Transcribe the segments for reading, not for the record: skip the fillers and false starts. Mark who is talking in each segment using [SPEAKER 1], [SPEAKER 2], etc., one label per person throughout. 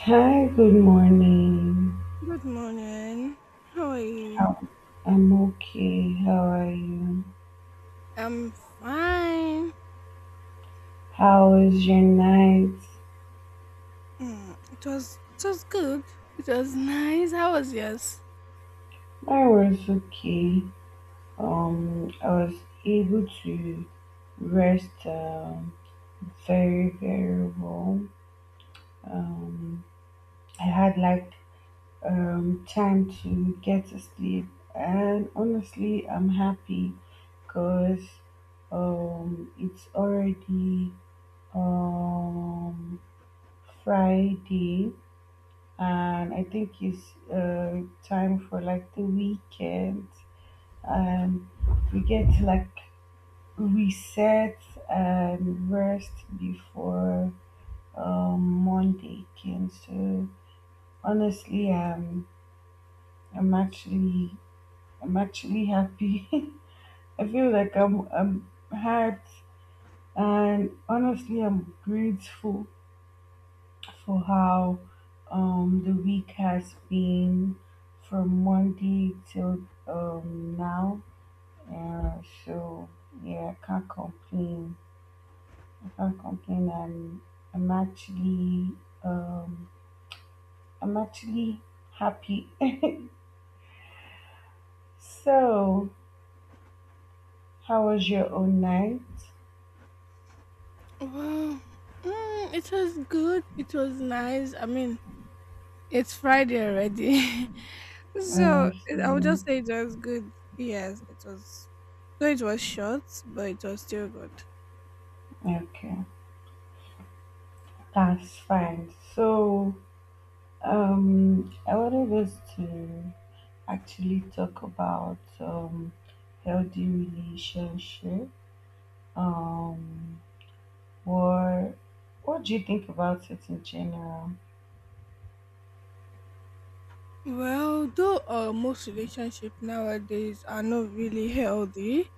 [SPEAKER 1] Hi, good morning.
[SPEAKER 2] Good morning. How are you?
[SPEAKER 1] How I'm okay. How are you?
[SPEAKER 2] I'm fine.
[SPEAKER 1] How was your night?
[SPEAKER 2] It was good. It was nice. How was yours?
[SPEAKER 1] Mine was okay. I was able to rest very, very well. Um, I had like time to get to sleep, and honestly, I'm happy because um it's already um Friday and I think it's time for like the weekend, and we get to like reset and rest before Monday came. So honestly, I'm actually I'm actually happy. I feel like I'm hyped, and honestly, I'm grateful for how the week has been from Monday till now. So yeah, I can't complain. I can't complain. I'm actually um, I'm actually happy. So how was your own night?
[SPEAKER 2] Well, it was good. It was nice. I mean, it's Friday already, so I would
[SPEAKER 1] Honestly,
[SPEAKER 2] just say it was good. Yes, it was. Though it was short, but it was still good.
[SPEAKER 1] okay, that's fine. So I wanted us to actually talk about healthy relationship. Um, what what do you think about it in general?
[SPEAKER 2] Well, though most relationships nowadays are not really healthy.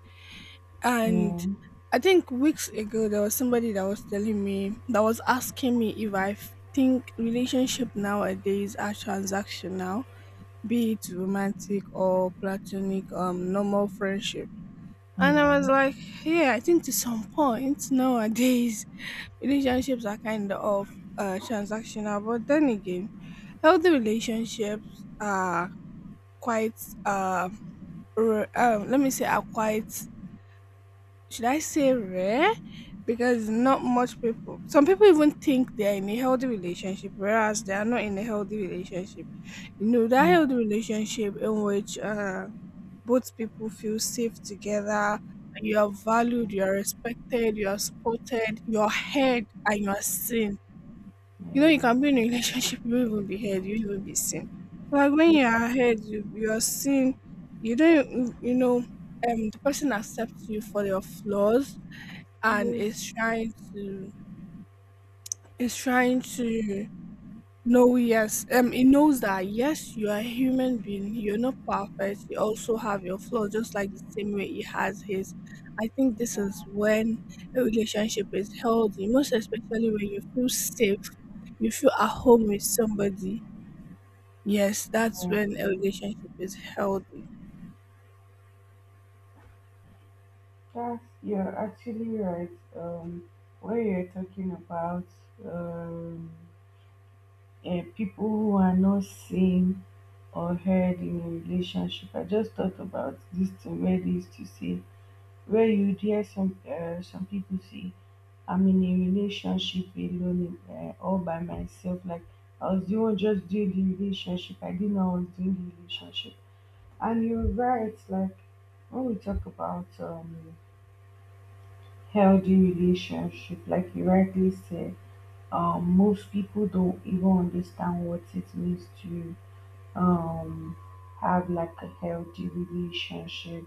[SPEAKER 2] And
[SPEAKER 1] Yeah,
[SPEAKER 2] I think weeks ago there was somebody that was telling me, that was asking me if think relationship nowadays are transactional, be it romantic or platonic, normal friendship. And
[SPEAKER 1] yeah,
[SPEAKER 2] I was like, yeah, I think to some point nowadays relationships are kind of transactional, but then again, healthy relationships are quite uh, let me say are quite, should I say, rare? Because not much people, some people even think they're in a healthy relationship, whereas they are not in a healthy relationship. You know, that
[SPEAKER 1] yeah,
[SPEAKER 2] healthy relationship in which both people feel safe together, you are valued, you
[SPEAKER 1] yeah.
[SPEAKER 2] are respected, you are supported, you are heard, and you are seen. You know, you can
[SPEAKER 1] Yeah.
[SPEAKER 2] be in a relationship, you won't even be heard, you will be seen. So, like when you are heard, you are seen, you don't, you know, the person accepts you for your flaws and
[SPEAKER 1] Yeah,
[SPEAKER 2] is trying to know, yes, it knows that, yes, you are a human being, you're not perfect, you also have your flaws just like the same way he has his. I think this is when a relationship is healthy, most especially when you feel safe, you feel at home with somebody. Yes, that's when a relationship is healthy.
[SPEAKER 1] that's you're actually right. Um, where you're talking about um, people who are not seen or heard in a relationship, I just thought about this thing where they used to say. Where you hear some people say I'm in a relationship alone, all by myself, like I was the one just doing the relationship. I didn't know I was doing the relationship. And you're right. Like when we talk about healthy relationship, like you rightly said, most people don't even understand what it means to um have like a healthy relationship.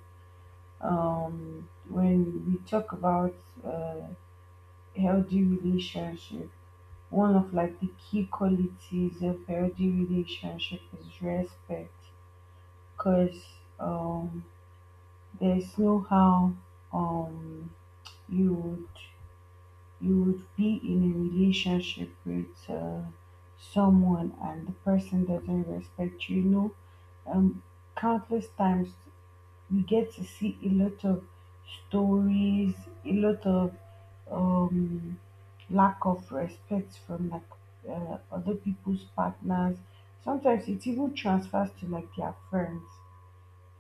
[SPEAKER 1] When we talk about uh healthy relationship, one of like the key qualities of healthy relationship is respect, because um there's no how um you would you would be in a relationship with someone and the person doesn't respect you, you know. um Countless times we get to see a lot of stories, a lot of um, lack of respect from like other people's partners. Sometimes it even transfers to like their friends.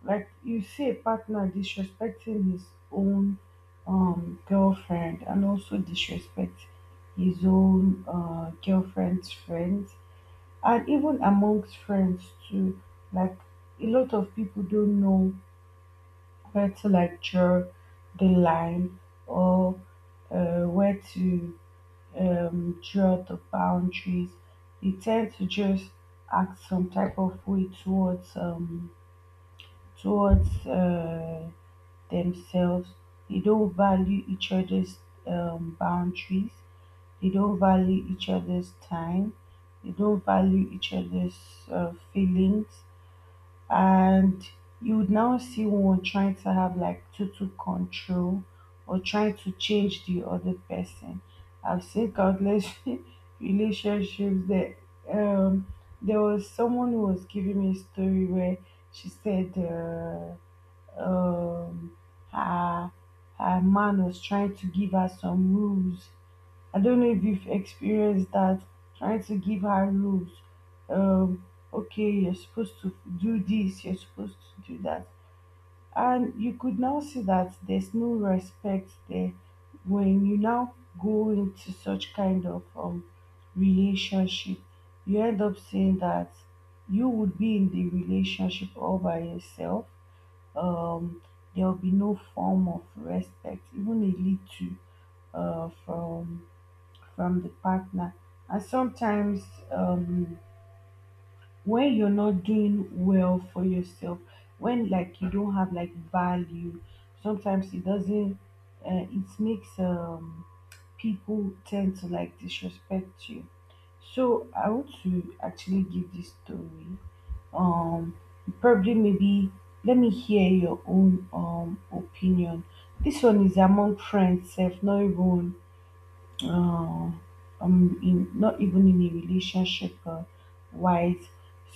[SPEAKER 1] Like you see a partner disrespecting his own girlfriend and also disrespect his own girlfriend's friends, and even amongst friends too. Like a lot of people don't know where to like draw the line, or where to draw the boundaries. They tend to just act some type of way towards towards uh, themselves. They don't value each other's boundaries. They don't value each other's time. They don't value each other's feelings, and you would now see one trying to have like total control, or trying to change the other person. I've seen countless relationships that um, there was someone who was giving me a story where she said um, her her man was trying to give her some rules. I don't know if you've experienced that, trying to give her rules. Um, okay, you're supposed to do this, you're supposed to do that. And you could now see that there's no respect there. When you now go into such kind of relationship, you end up saying that you would be in the relationship all by yourself. Um, there will be no form of respect, even a little, uh, from from the partner. And sometimes, um, when you're not doing well for yourself, when like you don't have like value, sometimes it doesn't, it makes people tend to like disrespect you. So I want to actually give this story. Um, probably maybe let me hear your own opinion. This one is among friends, self, not even uh, in not even in a relationship wise.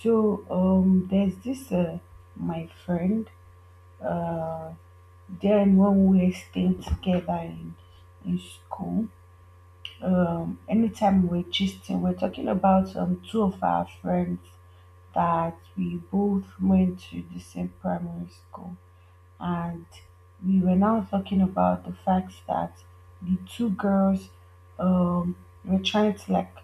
[SPEAKER 1] So there's this my friend, uh then when we were staying together in school, anytime we're gisting, we're talking about two of our friends that we both went to the same primary school. And we were now talking about the fact that the two girls um were trying to like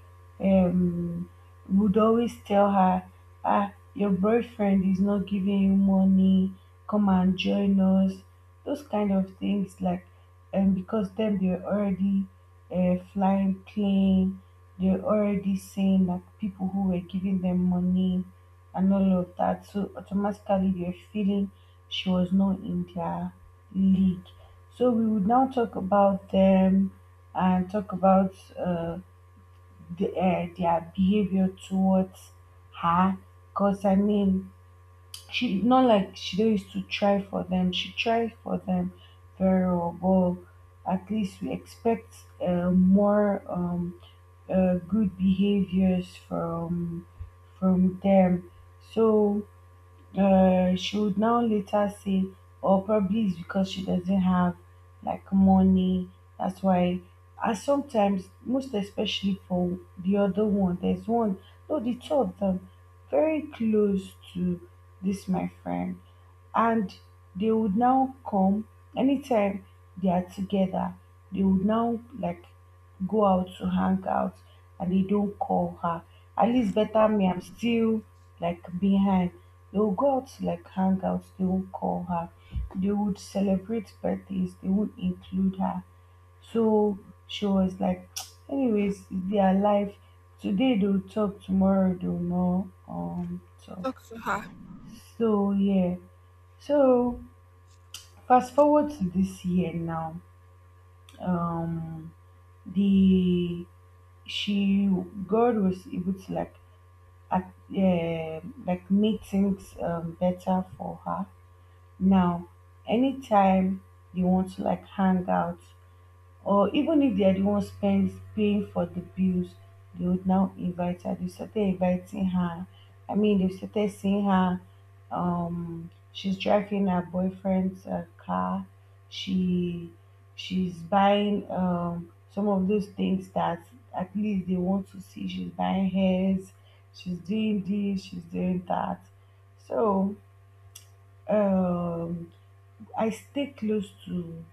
[SPEAKER 1] um would always tell her, ah, your boyfriend is not giving you money, come and join us, those kind of things. Like, and because then they're already flying plane, they're already saying that people who were giving them money and all of that, so automatically they're feeling she was not in their league. So we would now talk about them and talk about their behavior towards her. Cause I mean, she not like she don't used to try for them. She tried for them very well, but at least we expect more good behaviors from them. So she would now later say, or probably it's because she doesn't have like money. That's why I sometimes, most especially for the other one, there's one, no, the two of them, very close to this my friend, and they would now come anytime they are together. They would now like go out to hang out and they don't call her. At least better me, I'm still like behind. They will go out to like hang out, they won't call her. They would celebrate birthdays, they won't include her. So she was like, anyways, it's their life. Today they'll talk, tomorrow they'll not
[SPEAKER 2] Talk
[SPEAKER 1] talk.
[SPEAKER 2] to her.
[SPEAKER 1] So yeah. So fast forward to this year now. Um the she God was able to like at, like make things better for her. Now, anytime they want to like hang out, or even if they're the ones spends paying for the bills, they would now invite her. They started inviting her. I mean, they started seeing her. She's driving her boyfriend's car. She she's buying some of those things that at least they want to see. She's buying hairs. She's doing this. She's doing that. So um, I stay close to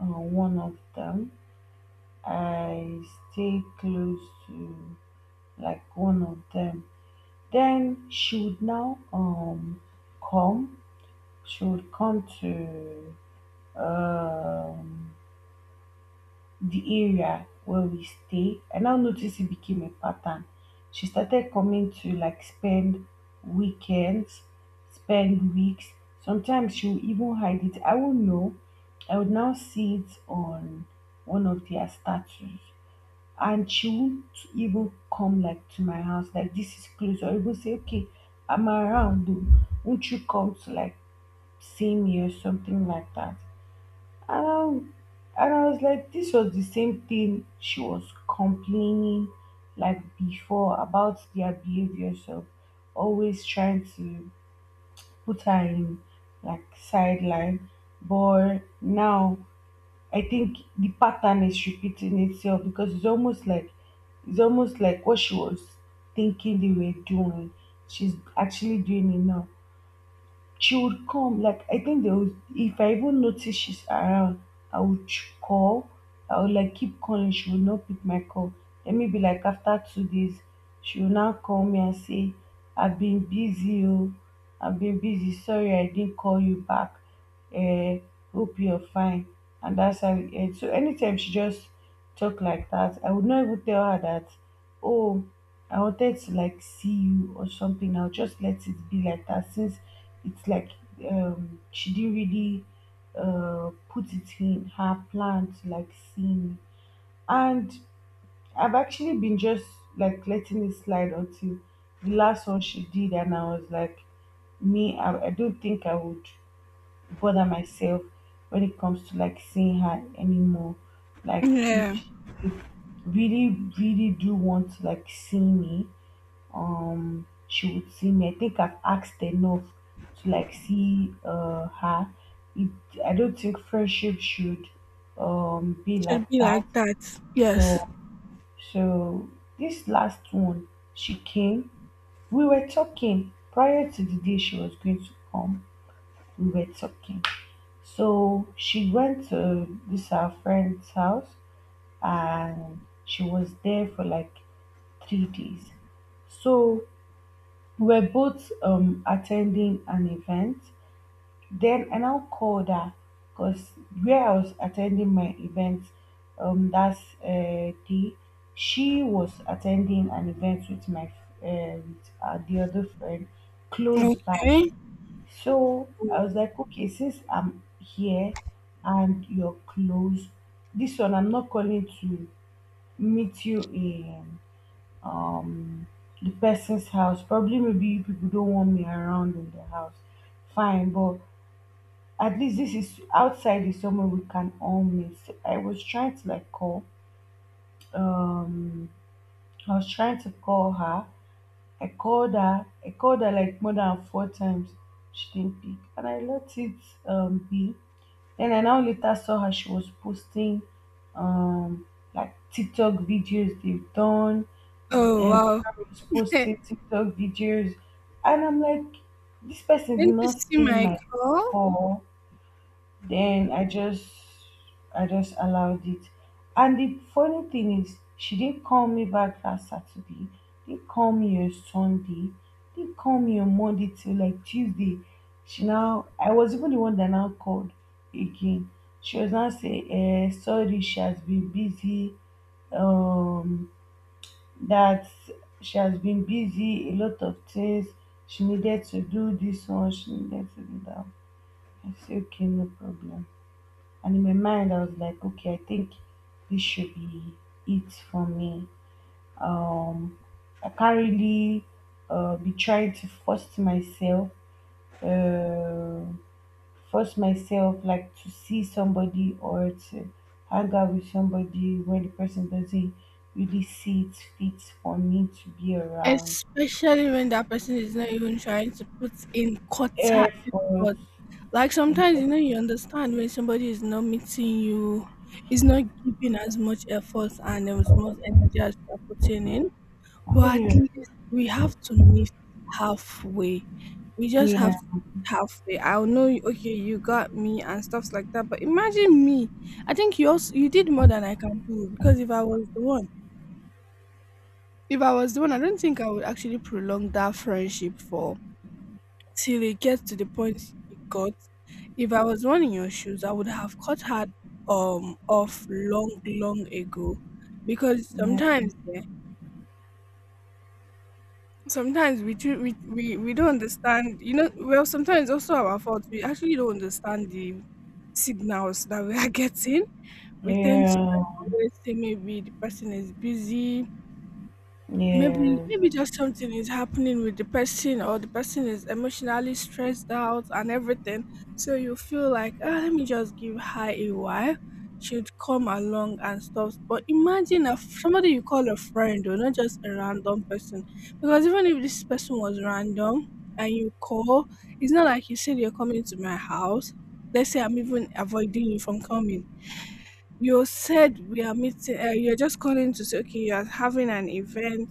[SPEAKER 1] uh, one of them I stay close to like one of them. Then she would now come. She would come to um the area where we stay. I now noticed it became a pattern. She started coming to like spend weekends, spend weeks. Sometimes she would even hide it. I won't know. I would now see it on one of their statues. And she won't even come like to my house, like this is close, or even say, okay, I'm around, though, won't you come to like see me or something like that? And and I was like, this was the same thing she was complaining like before about their behavior, so always trying to put her in like sideline. But now I think the pattern is repeating itself, because it's almost like what she was thinking they were doing, she's actually doing it now. She would come like, I think there was, if I even notice she's around, I would call. I would like keep calling. She would not pick my call. Then maybe like after 2 days, she will now call me and say, "I've been busy, oh, I've been busy. Sorry, I didn't call you back. Eh, hope you're fine." And that's how, and so anytime she just talk like that, I would not even tell her that, oh, I wanted to like see you or something. I'll just let it be like that, since it's like she didn't really put it in her plan to like see me. And I've actually been just like letting it slide until the last one she did, and I was like, me, I don't think I would bother myself when it comes to like seeing her anymore. Like if
[SPEAKER 2] Yeah,
[SPEAKER 1] she really, really do want to like see me, she would see me. I think I've asked enough to like see her. It, I don't think friendship should be
[SPEAKER 2] should
[SPEAKER 1] like
[SPEAKER 2] be
[SPEAKER 1] that.
[SPEAKER 2] like that. Yes.
[SPEAKER 1] So so this last one, she came. We were talking prior to the day she was going to come. We were talking. So she went to this our friend's house and she was there for like 3 days. So we're both attending an event. Then I now called her, because where I was attending my event that day, she was attending an event with the other friend close by.
[SPEAKER 2] Okay.
[SPEAKER 1] So I was like, okay, since I'm here and you're close, this one I'm not calling to meet you in um the person's house. Probably maybe you people don't want me around in the house. Fine, but at least this is outside, is somewhere we can all meet. So I was trying to like call. Um I was trying to call her. I called her. I called her like more than 4 times. She didn't pick. And I let it be. Then I now later saw her, she was posting um like TikTok videos they've done
[SPEAKER 2] Oh,
[SPEAKER 1] and
[SPEAKER 2] wow.
[SPEAKER 1] posted TikTok videos, and I'm like, this person did
[SPEAKER 2] When you
[SPEAKER 1] not
[SPEAKER 2] see
[SPEAKER 1] see
[SPEAKER 2] my
[SPEAKER 1] my
[SPEAKER 2] call,
[SPEAKER 1] call. Then I just allowed it. And the funny thing is she didn't call me back that Saturday. Didn't call me on Sunday. Didn't call me on Monday till like Tuesday. She now I was even the one that now called again. She was now say, eh, sorry, she has been busy. Um that she has been busy, a lot of things. She needed to do this one, she needed to do that. One." I say okay, no problem, and in my mind I was like, okay, I think this should be it for me. Um, I can't really be trying to uh, force myself like to see somebody or to hang out with somebody when the person doesn't really see it fit for me to be around.
[SPEAKER 2] especially when that person is not even trying to put in quarter
[SPEAKER 1] Effort.
[SPEAKER 2] effort. Like sometimes you know, you understand when somebody is not meeting you, is not giving as much effort and as much energy as you are putting in. But at
[SPEAKER 1] Yeah,
[SPEAKER 2] least we have to meet halfway. We just have
[SPEAKER 1] yeah,
[SPEAKER 2] to meet halfway. I'll know you- okay, you got me and stuffs like that. But imagine me. I think you also, you did more than I can do because if I was the one, if I was the one, I don't think I would actually prolong that friendship for, till it gets to the point it got. If I was the one in your shoes, I would have cut her off long, long ago, because
[SPEAKER 1] yeah,
[SPEAKER 2] sometimes, yeah, sometimes we too, we don't understand. You know, well, sometimes it's also our fault. We actually don't understand the signals that we are getting. We tend to always say maybe the person is busy,
[SPEAKER 1] yeah,
[SPEAKER 2] maybe just something is happening with the person, or the person is emotionally stressed out and everything, so you feel like, ah, let me just give her a while, she'd come along and stuff. But imagine if somebody you call a friend or not, just a random person, because even if this person was random and you call, it's not like you said you're coming to my house, let's say I'm even avoiding you from coming. You said we are meeting, you're just calling to say okay, you're having an event,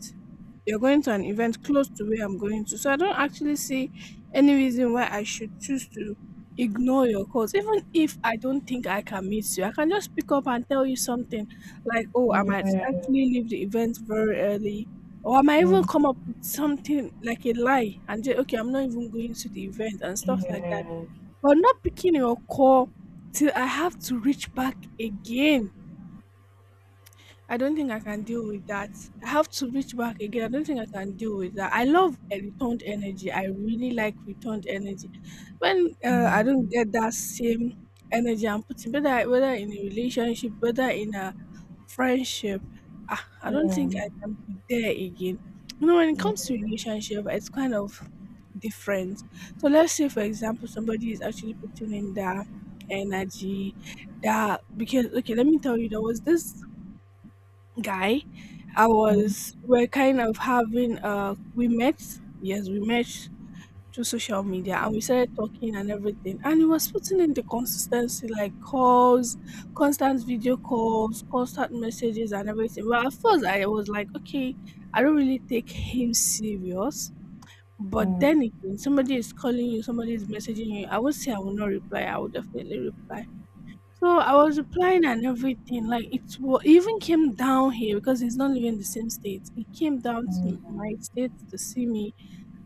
[SPEAKER 2] you're going to an event close to where I'm going to. So I don't actually see any reason why I should choose to ignore your calls. Even if I don't think I can meet you, I can just pick up and tell you something like, oh, I might
[SPEAKER 1] yeah,
[SPEAKER 2] actually leave the event very early. Or I might
[SPEAKER 1] yeah.
[SPEAKER 2] even come up with something like a lie and say, okay, I'm not even going to the event and stuff like that.
[SPEAKER 1] Yeah.
[SPEAKER 2] But not picking your call till I have to reach back again. I don't think I can deal with that. I have to reach back again. I don't think I can deal with that. I love a returned energy. I really like returned energy. When I
[SPEAKER 1] Yeah.
[SPEAKER 2] don't get that same energy I'm putting, whether in a relationship, whether in a friendship, ah, I don't
[SPEAKER 1] Yeah.
[SPEAKER 2] think I can be there again. You know, when it comes
[SPEAKER 1] Yeah.
[SPEAKER 2] to relationship, it's kind of different. So let's say, for example, somebody is actually putting in their energy, that, because okay, let me tell you, there was this guy, I
[SPEAKER 1] Mm,
[SPEAKER 2] was we're kind of having we met, yes, we met through social media, and we started talking and everything, and he was putting in the consistency, like calls, constant video calls, constant messages and everything. Well, at first I was like, okay, I don't really take him serious, but then
[SPEAKER 1] mm,
[SPEAKER 2] again, somebody is calling you, somebody is messaging you, I would say I will not reply, I will definitely reply. So I was applying and everything. Like it even came down here because he's not living in the same state. He came down to my
[SPEAKER 1] mm.
[SPEAKER 2] state to see me,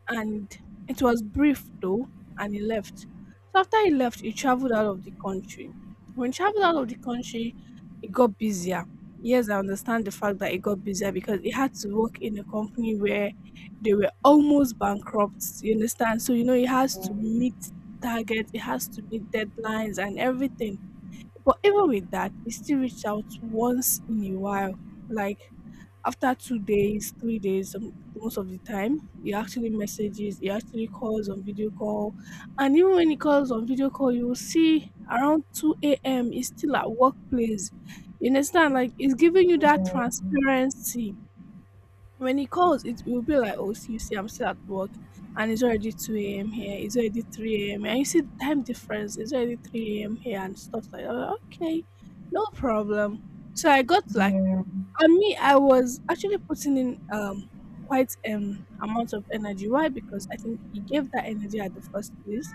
[SPEAKER 2] and it was brief though, and he left. So after he left, he traveled out of the country. When he traveled out of the country, it got busier. Yes, I understand the fact that it got busier because he had to work in a company where they were almost bankrupt. You understand? So you know he has to meet targets, he has to meet deadlines and everything. But even with that, he still reach out once in a while. Like after 2 days, 3 days, most of the time, he actually calls on video call. And even when he calls on video call, you will see around 2 a.m., he's still at workplace. You understand? Like, it's giving you that
[SPEAKER 1] Mm.
[SPEAKER 2] transparency. When he calls, it will be like, oh, see, you see, I'm still at work, and it's already 2 a.m. here. It's already 3 a.m. And you see the time difference. It's already 3 a.m. here and stuff like that. I'm like, okay, no problem. So I got
[SPEAKER 1] Yeah.
[SPEAKER 2] like,
[SPEAKER 1] Yeah.
[SPEAKER 2] and me, I was actually putting in quite amount of energy. Why? Because I think he gave that energy at the first place.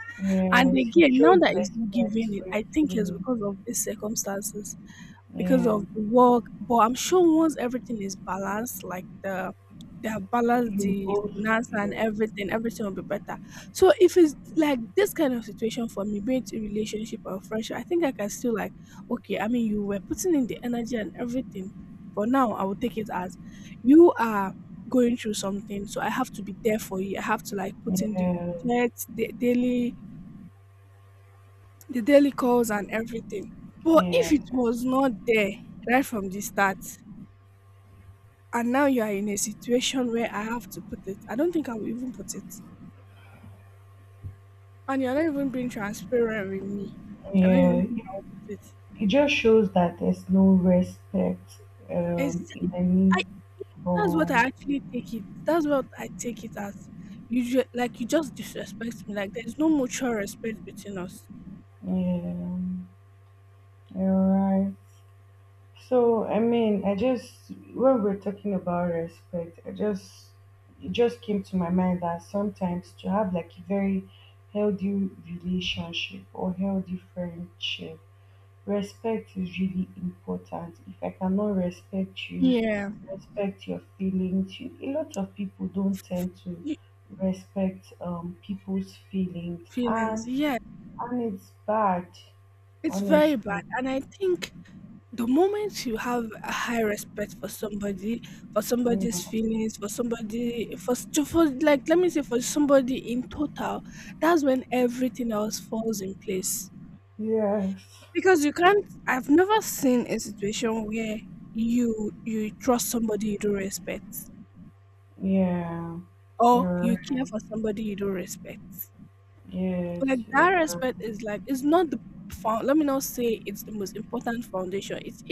[SPEAKER 2] And
[SPEAKER 1] Yes. He
[SPEAKER 2] again, now
[SPEAKER 1] showed
[SPEAKER 2] that he's not
[SPEAKER 1] respect
[SPEAKER 2] giving it,
[SPEAKER 1] for your
[SPEAKER 2] I think it's
[SPEAKER 1] feeling.
[SPEAKER 2] because of these circumstances, because
[SPEAKER 1] Yeah.
[SPEAKER 2] of the work. But I'm sure once everything is balanced, like they have balanced
[SPEAKER 1] You
[SPEAKER 2] the
[SPEAKER 1] both.
[SPEAKER 2] finance and
[SPEAKER 1] Yeah.
[SPEAKER 2] everything, everything will be better. So if it's like this kind of situation for me, be it a relationship or friendship, I think I can still like, okay, I mean, you were putting in the energy and everything. But now I will take it as you are going through something, so I have to be there for you. I have to like put in the
[SPEAKER 1] Yeah.
[SPEAKER 2] checks, the daily calls and everything. But if
[SPEAKER 1] Yeah.
[SPEAKER 2] it was not there right from the start, and now you are in a situation where I have to put it, I don't think I will even put it. And you're not even being transparent with me. I don't
[SPEAKER 1] Yeah.
[SPEAKER 2] even
[SPEAKER 1] It,
[SPEAKER 2] think I will put it.
[SPEAKER 1] it just shows that there's no respect
[SPEAKER 2] It's,
[SPEAKER 1] in any
[SPEAKER 2] I, that's what I
[SPEAKER 1] form.
[SPEAKER 2] actually take it. That's what I take it as. Like you just disrespect me. Like there's no mutual respect between us.
[SPEAKER 1] Yeah. You're right. So I mean, I just when we're talking about respect, I just it just came to my mind that sometimes to have like a very healthy relationship or healthy friendship, respect is really important. If I cannot respect you,
[SPEAKER 2] Yeah.
[SPEAKER 1] respect your feelings, you, a lot of people don't tend to
[SPEAKER 2] Y-
[SPEAKER 1] respect people's feelings, and
[SPEAKER 2] Feelings. Yeah,
[SPEAKER 1] and it's bad,
[SPEAKER 2] it's very bad.
[SPEAKER 1] honestly.
[SPEAKER 2] And I think the moment you have a high respect for somebody, for somebody's
[SPEAKER 1] Mm.
[SPEAKER 2] feelings, for somebody, for, s- to- for like, let me say, for somebody in total, that's when everything else falls in place.
[SPEAKER 1] Yes.
[SPEAKER 2] Because you can't, I've never seen a situation where you trust somebody you don't respect,
[SPEAKER 1] Yeah. You're
[SPEAKER 2] or you care
[SPEAKER 1] right.
[SPEAKER 2] for somebody you don't respect.
[SPEAKER 1] Yes,
[SPEAKER 2] Like
[SPEAKER 1] you're
[SPEAKER 2] that
[SPEAKER 1] right.
[SPEAKER 2] respect is like, it's not the found let me not say it's the most important foundation.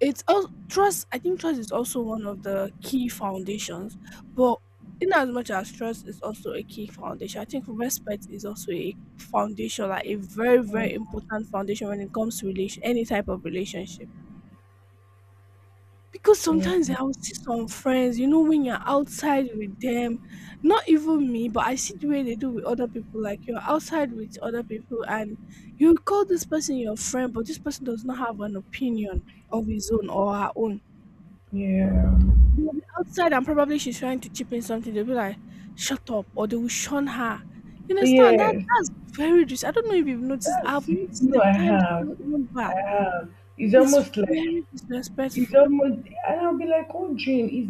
[SPEAKER 2] It's al trust, I think trust is also one of the key foundations, but in as much as trust is also a key foundation, I think respect is also a foundation, like a very, very important foundation when it comes to relation any type of relationship. Because
[SPEAKER 1] Yeah,
[SPEAKER 2] sometimes I will see some friends, you know, when you're outside with them, not even me, but I see the way they do with other people. Like you're outside with other people, and you call this person your friend, but this person does not have an opinion of his own or her own.
[SPEAKER 1] yeah, yeah.
[SPEAKER 2] They'll be outside and probably she's trying to chip in something. They'll be like, shut up, or they will shun her. You understand? That
[SPEAKER 1] Yes,
[SPEAKER 2] that's very dis I don't know if you've noticed. I've
[SPEAKER 1] that's you
[SPEAKER 2] noticed
[SPEAKER 1] know
[SPEAKER 2] the
[SPEAKER 1] I
[SPEAKER 2] times
[SPEAKER 1] have,
[SPEAKER 2] over.
[SPEAKER 1] I have. It's
[SPEAKER 2] It's
[SPEAKER 1] almost like
[SPEAKER 2] very
[SPEAKER 1] it's
[SPEAKER 2] disrespectful.
[SPEAKER 1] almost, and I'll be like wondering is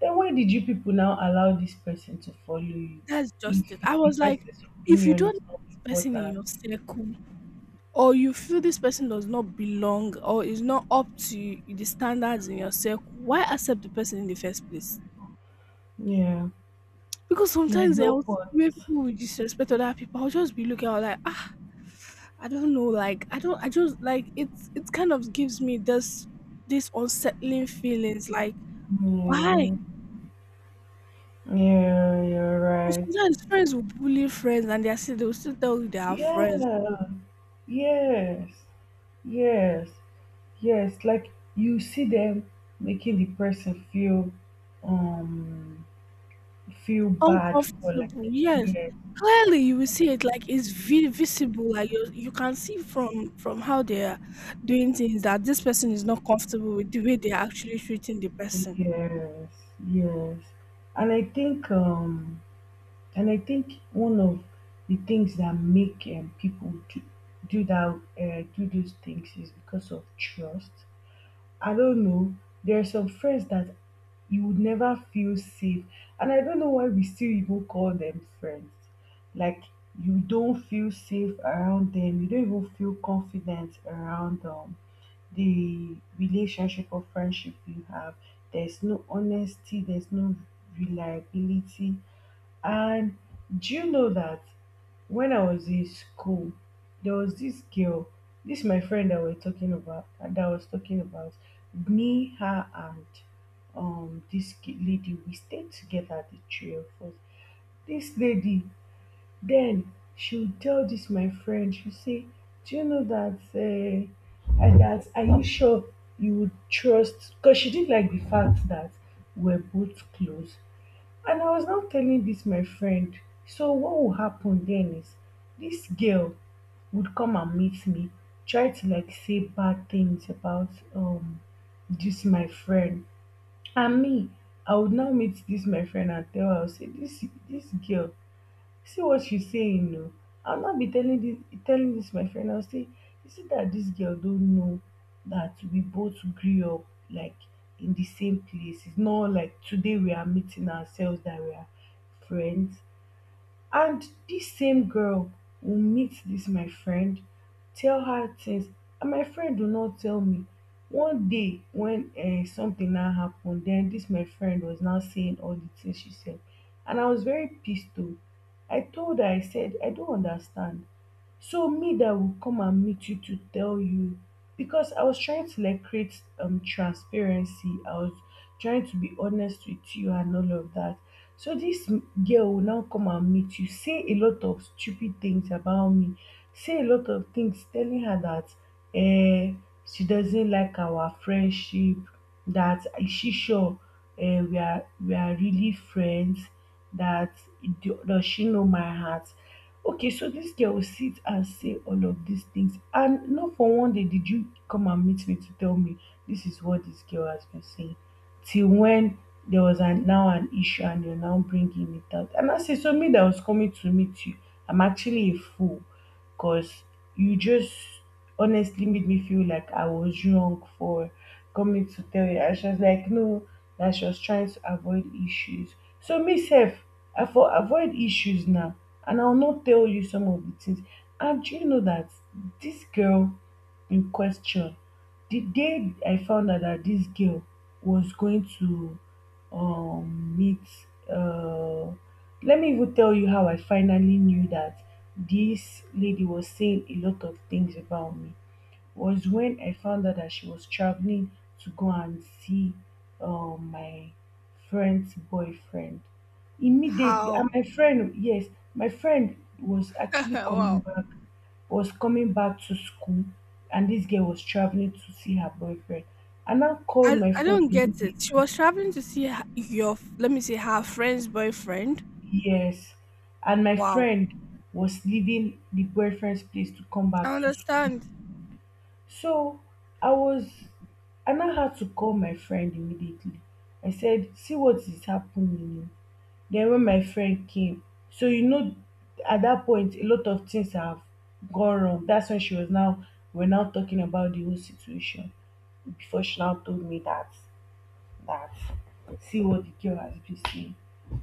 [SPEAKER 1] then why did you people now allow this person to follow you
[SPEAKER 2] That's
[SPEAKER 1] if
[SPEAKER 2] just it. I
[SPEAKER 1] the
[SPEAKER 2] was like,
[SPEAKER 1] person's
[SPEAKER 2] if you
[SPEAKER 1] opinion
[SPEAKER 2] don't
[SPEAKER 1] is
[SPEAKER 2] like this person in
[SPEAKER 1] important?
[SPEAKER 2] your circle, or you feel this person does not belong or is not up to the standards in your circle, why accept the person in the first place?
[SPEAKER 1] Yeah,
[SPEAKER 2] Because
[SPEAKER 1] there's
[SPEAKER 2] sometimes I
[SPEAKER 1] no
[SPEAKER 2] will see
[SPEAKER 1] point.
[SPEAKER 2] where people will disrespect other people. I'll just be looking out like, ah, I don't know, like I don't I just like it kind of gives me this unsettling feelings like why?
[SPEAKER 1] Yeah, yeah, you're
[SPEAKER 2] And
[SPEAKER 1] right.
[SPEAKER 2] sometimes friends will bully friends and they are still tell you they are friends.
[SPEAKER 1] Yeah, yes, yes. Yes, like you see them making the person feel um feel bad for like
[SPEAKER 2] Uncomfortable, yes.
[SPEAKER 1] yes,
[SPEAKER 2] Clearly you will see it like it's visible, like you can see from how they are doing things that this person is not comfortable with the way they are actually treating the person.
[SPEAKER 1] yes, yes. And I think um and I think one of the things that make people do that do those things is because of trust. I don't know. There are some friends that you would never feel safe. And I don't know why we still even call them friends. Like, you don't feel safe around them. You don't even feel confident around them. The relationship or friendship you have. There's no honesty, there's no reliability. And do you know that when I was in school, there was this girl, this my friend that we're talking about, that I was talking about. Me, her, and this ki- lady, we stayed together, the three of us. This lady, then she would tell this my friend, she say, "Do you know that? I- that are you sure you would trust?" Because she didn't like the fact that we're both close. And I was now telling this my friend, so what will happen then is this girl would come and meet me, try to like say bad things about um this my friend. And me, I would now meet this my friend and tell her, I'll say this girl see what you saying no? I will not be telling this my friend. I will say you see that this girl don't know that we both grew up like in the same place. It's not like today we are meeting ourselves that we are friends. And this same girl will meet this my friend, tell her things, and my friend will not tell me. One day when something now happened, then this my friend was now saying all the things she said, and I was very pissed too. I told her, I said, I don't understand, so me that will come and meet you to tell you, because I was trying to like create transparency, I was trying to be honest with you and all of that. So this m- girl will now come and meet you, say a lot of stupid things about me, say a lot of things, telling her that eh, she doesn't like our friendship, that is she sure eh, we are really friends, that do- does she know my heart. Okay, so this girl will sit and say all of these things and not for one day did you come and meet me to tell me this is what this girl has been saying, till when there was an now an issue and you're now bringing it out. And I say, so me that was coming to meet you, I'm actually a fool because you just honestly made me feel like I was wrong for coming to tell you. And she was like, no, that she was trying to avoid issues. So me self, I for avoid issues now, and I'll not tell you some of the things. And do you know that this girl in question. The day I found out that this girl was going to meet, uh, let me even tell you how I finally knew that this lady was saying a lot of things about me was when I found out that she was traveling to go and see my friend's boyfriend. Immediately,
[SPEAKER 2] How?
[SPEAKER 1] and my friend, yes, my friend was actually coming
[SPEAKER 2] Wow.
[SPEAKER 1] back was coming back to school and this girl was traveling to see her boyfriend. I now called
[SPEAKER 2] I
[SPEAKER 1] my
[SPEAKER 2] I
[SPEAKER 1] friend
[SPEAKER 2] don't get
[SPEAKER 1] immediately.
[SPEAKER 2] it. She was traveling to see her, your let me say her friend's boyfriend.
[SPEAKER 1] Yes. And my
[SPEAKER 2] Wow,
[SPEAKER 1] friend was leaving the boyfriend's place to come
[SPEAKER 2] I
[SPEAKER 1] back to school.
[SPEAKER 2] understand.
[SPEAKER 1] So I was I now had to call my friend immediately. I said, see what is happening. Then when my friend came, so you know at that point a lot of things have gone wrong. That's when she was now we're now talking about the whole situation. Before she now told me that see what the girl has been seeing.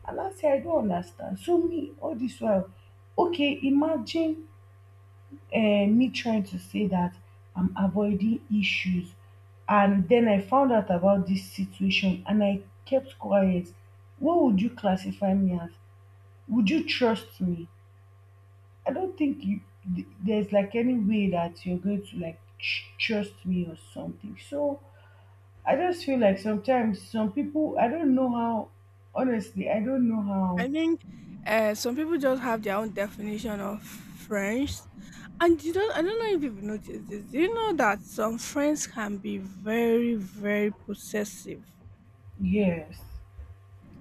[SPEAKER 1] And I said, I don't understand. So me, all this while, okay, imagine uh, me trying to say that I'm avoiding issues. And then I found out about this situation and I kept quiet. What would you classify me as? Would you trust me? I don't think you th- there's like any way that you're going to like tr- trust me or something. So I just feel like sometimes some people, I don't know how, honestly, I don't know how.
[SPEAKER 2] I think some people just have their own definition of friends, and you don't. I don't know if you've noticed this. Do you know that some friends can be very, very possessive?
[SPEAKER 1] Yes.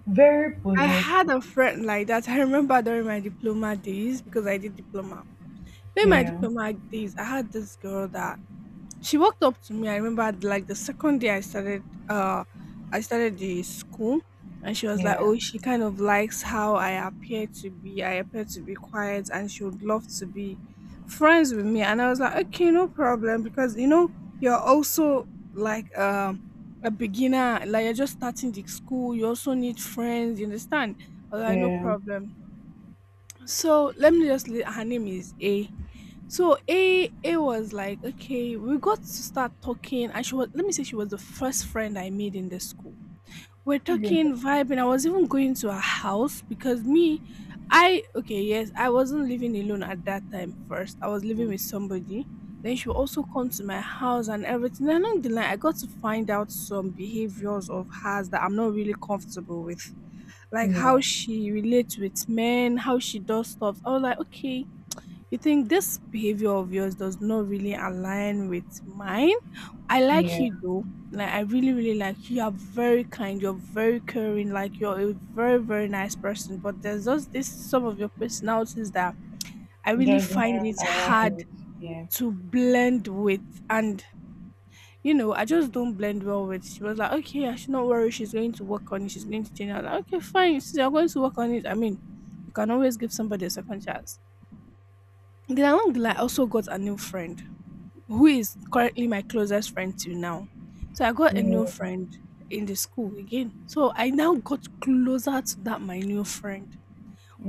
[SPEAKER 1] Very
[SPEAKER 2] I had
[SPEAKER 1] possessive.
[SPEAKER 2] a friend like that. I remember during my diploma days because I did diploma. During my
[SPEAKER 1] Yeah.
[SPEAKER 2] diploma days, I had this girl that she walked up to me. I remember like the second day I started the school, and she was like,
[SPEAKER 1] Yeah.
[SPEAKER 2] oh, she kind of likes how I appear to be. I appear to be quiet and she would love to be friends with me. And I was like, okay, no problem, because you know, you're also like a beginner, like you're just starting the school, you also need friends, you understand? I was like, no
[SPEAKER 1] Yeah.
[SPEAKER 2] problem. So let me just her name is A. So A was like, okay, we got to start talking, and she was, let me say she was the first friend I made in the school. We're
[SPEAKER 1] Yeah.
[SPEAKER 2] talking, vibing. I was even going to her house because me, I, okay, yes, I wasn't living alone at that time first. I was living with somebody. Then she would also come to my house and everything. And along the line, I got to find out some behaviors of hers that I'm not really comfortable with. Like how
[SPEAKER 1] Yeah.
[SPEAKER 2] she relates with men, how she does stuff. I was like, okay, you think this behavior of yours does not really align with mine? I like
[SPEAKER 1] Yeah.
[SPEAKER 2] you though. Like I really, really like you. You're very kind. You're very caring. Like you're a very, very nice person. But there's just this, some of your personalities that I really
[SPEAKER 1] Doesn't
[SPEAKER 2] find it
[SPEAKER 1] align
[SPEAKER 2] hard
[SPEAKER 1] with. Yeah.
[SPEAKER 2] to blend with. And you know, I just don't blend well with. She was like, okay, I should not worry. She's going to work on it. She's going to change. I was like, okay, fine. Since you're going to work on it, I mean, you can always give somebody a second chance. Then along the line, I also got a new friend, who is currently my closest friend till now. So I got a new
[SPEAKER 1] Yeah.
[SPEAKER 2] friend in the school again. So I now got closer to that my new friend.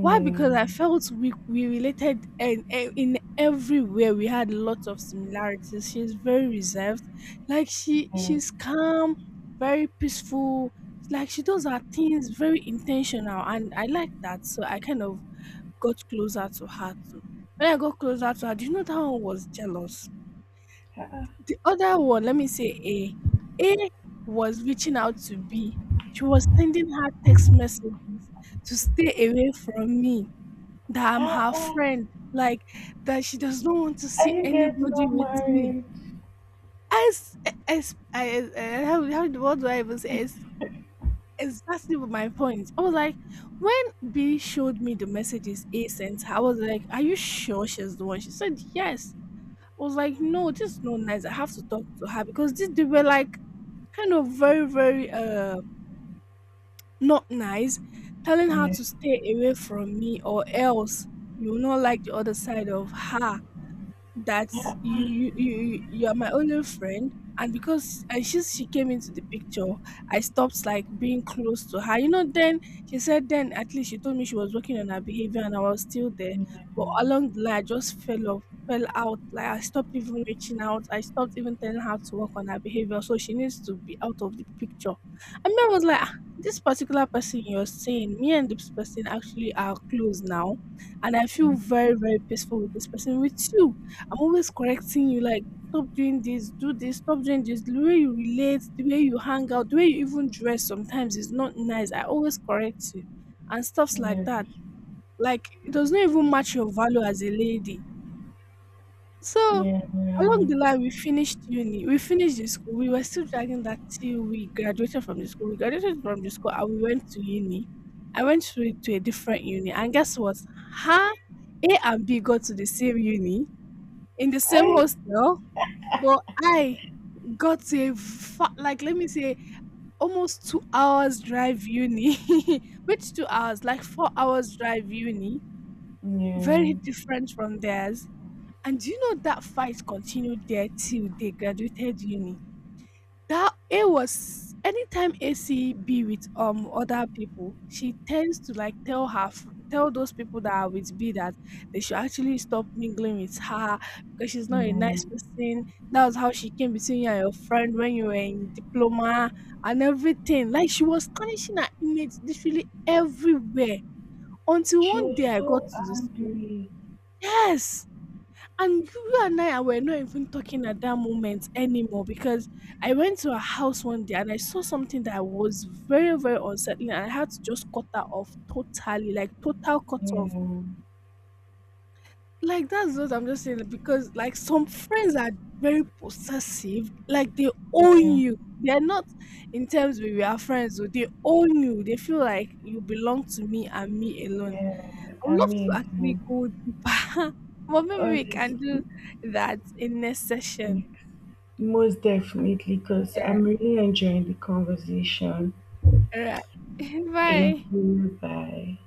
[SPEAKER 2] Why? Because I felt we related and in everywhere we had lots of similarities. She's very reserved, like she
[SPEAKER 1] Yeah.
[SPEAKER 2] she's calm, very peaceful. Like she does her things very intentional, and I like that. So I kind of got closer to her too. When I got closer to her, do you know that one was jealous?
[SPEAKER 1] Ah,
[SPEAKER 2] The other one, let me say A. A was reaching out to B. She was sending her text messages to stay away from me, that I'm
[SPEAKER 1] ah,
[SPEAKER 2] her
[SPEAKER 1] ah,
[SPEAKER 2] friend, like that she does not want to
[SPEAKER 1] are
[SPEAKER 2] see
[SPEAKER 1] you guys
[SPEAKER 2] anybody
[SPEAKER 1] not
[SPEAKER 2] with me.
[SPEAKER 1] married?
[SPEAKER 2] As, how, what do I even say? It's exactly what my point. I was like, when B showed me the messages A sent her, I was like, are you sure she's the one? She said, yes. I was like, no, this is not nice. I have to talk to her because this, they were like kind of very, very not nice, telling her
[SPEAKER 1] Yeah.
[SPEAKER 2] to stay away from me or else you will not like the other side of her, that
[SPEAKER 1] Yeah.
[SPEAKER 2] you are my only friend, and because, and she came into the picture, I stopped like being close to her, you know. Then she said, then at least she told me she was working on her behavior and I was still there,
[SPEAKER 1] Yeah.
[SPEAKER 2] but along the line I just fell off, fell out, like I stopped even reaching out, I stopped even telling her to work on her behavior, so she needs to be out of the picture. I mean, I was like, "Ah, this particular person, you're seeing me and this person actually are close now, and I feel very, very peaceful with this person, with you. I'm always correcting you like, stop doing this, do this, stop doing this. The way you relate, the way you hang out, the way you even dress sometimes is not nice. I always correct you and stuffs like
[SPEAKER 1] Yeah.
[SPEAKER 2] that. Like, it does not even match your value as a lady." So,
[SPEAKER 1] Yeah. Yeah.
[SPEAKER 2] along the line, we finished uni, we finished the school. We were still dragging that till we graduated from the school. We graduated from the school and we went to uni. I went to a different uni, and guess what? Her, A and B got to the same uni in the same
[SPEAKER 1] I.
[SPEAKER 2] hostel, but I got a fa like, let me say, almost 2 hours drive uni. Which 2 hours? Like 4 hours drive uni,
[SPEAKER 1] Yeah.
[SPEAKER 2] very different from theirs. And do you know that fight continued there till they graduated uni? That it was, anytime AC be with other people, she tends to like tell those people that are with B that they should actually stop mingling with her because she's not a
[SPEAKER 1] Yeah.
[SPEAKER 2] nice person. That was how she came between you and your friend when you were in diploma and everything. Like she was tarnishing her image literally everywhere. Until
[SPEAKER 1] She
[SPEAKER 2] one
[SPEAKER 1] was
[SPEAKER 2] day I got
[SPEAKER 1] so
[SPEAKER 2] to the school.
[SPEAKER 1] angry.
[SPEAKER 2] Yes. And you and I were not even talking at that moment anymore, because I went to her house one day and I saw something that was very, very unsettling. And I had to just cut her off totally, like total cut off.
[SPEAKER 1] Yeah,
[SPEAKER 2] Like that's what I'm just saying, because like some friends are very possessive, like they own
[SPEAKER 1] yeah,
[SPEAKER 2] you. They're not in terms with your friends, so they own you. They feel like you belong to me and me alone.
[SPEAKER 1] yeah.
[SPEAKER 2] I
[SPEAKER 1] I
[SPEAKER 2] would love to
[SPEAKER 1] mean,
[SPEAKER 2] actually go deeper, but maybe
[SPEAKER 1] all
[SPEAKER 2] we
[SPEAKER 1] these
[SPEAKER 2] can do that in next session.
[SPEAKER 1] things. Most definitely, because I'm really enjoying the conversation.
[SPEAKER 2] All right.
[SPEAKER 1] Thank
[SPEAKER 2] Bye.
[SPEAKER 1] you. Bye.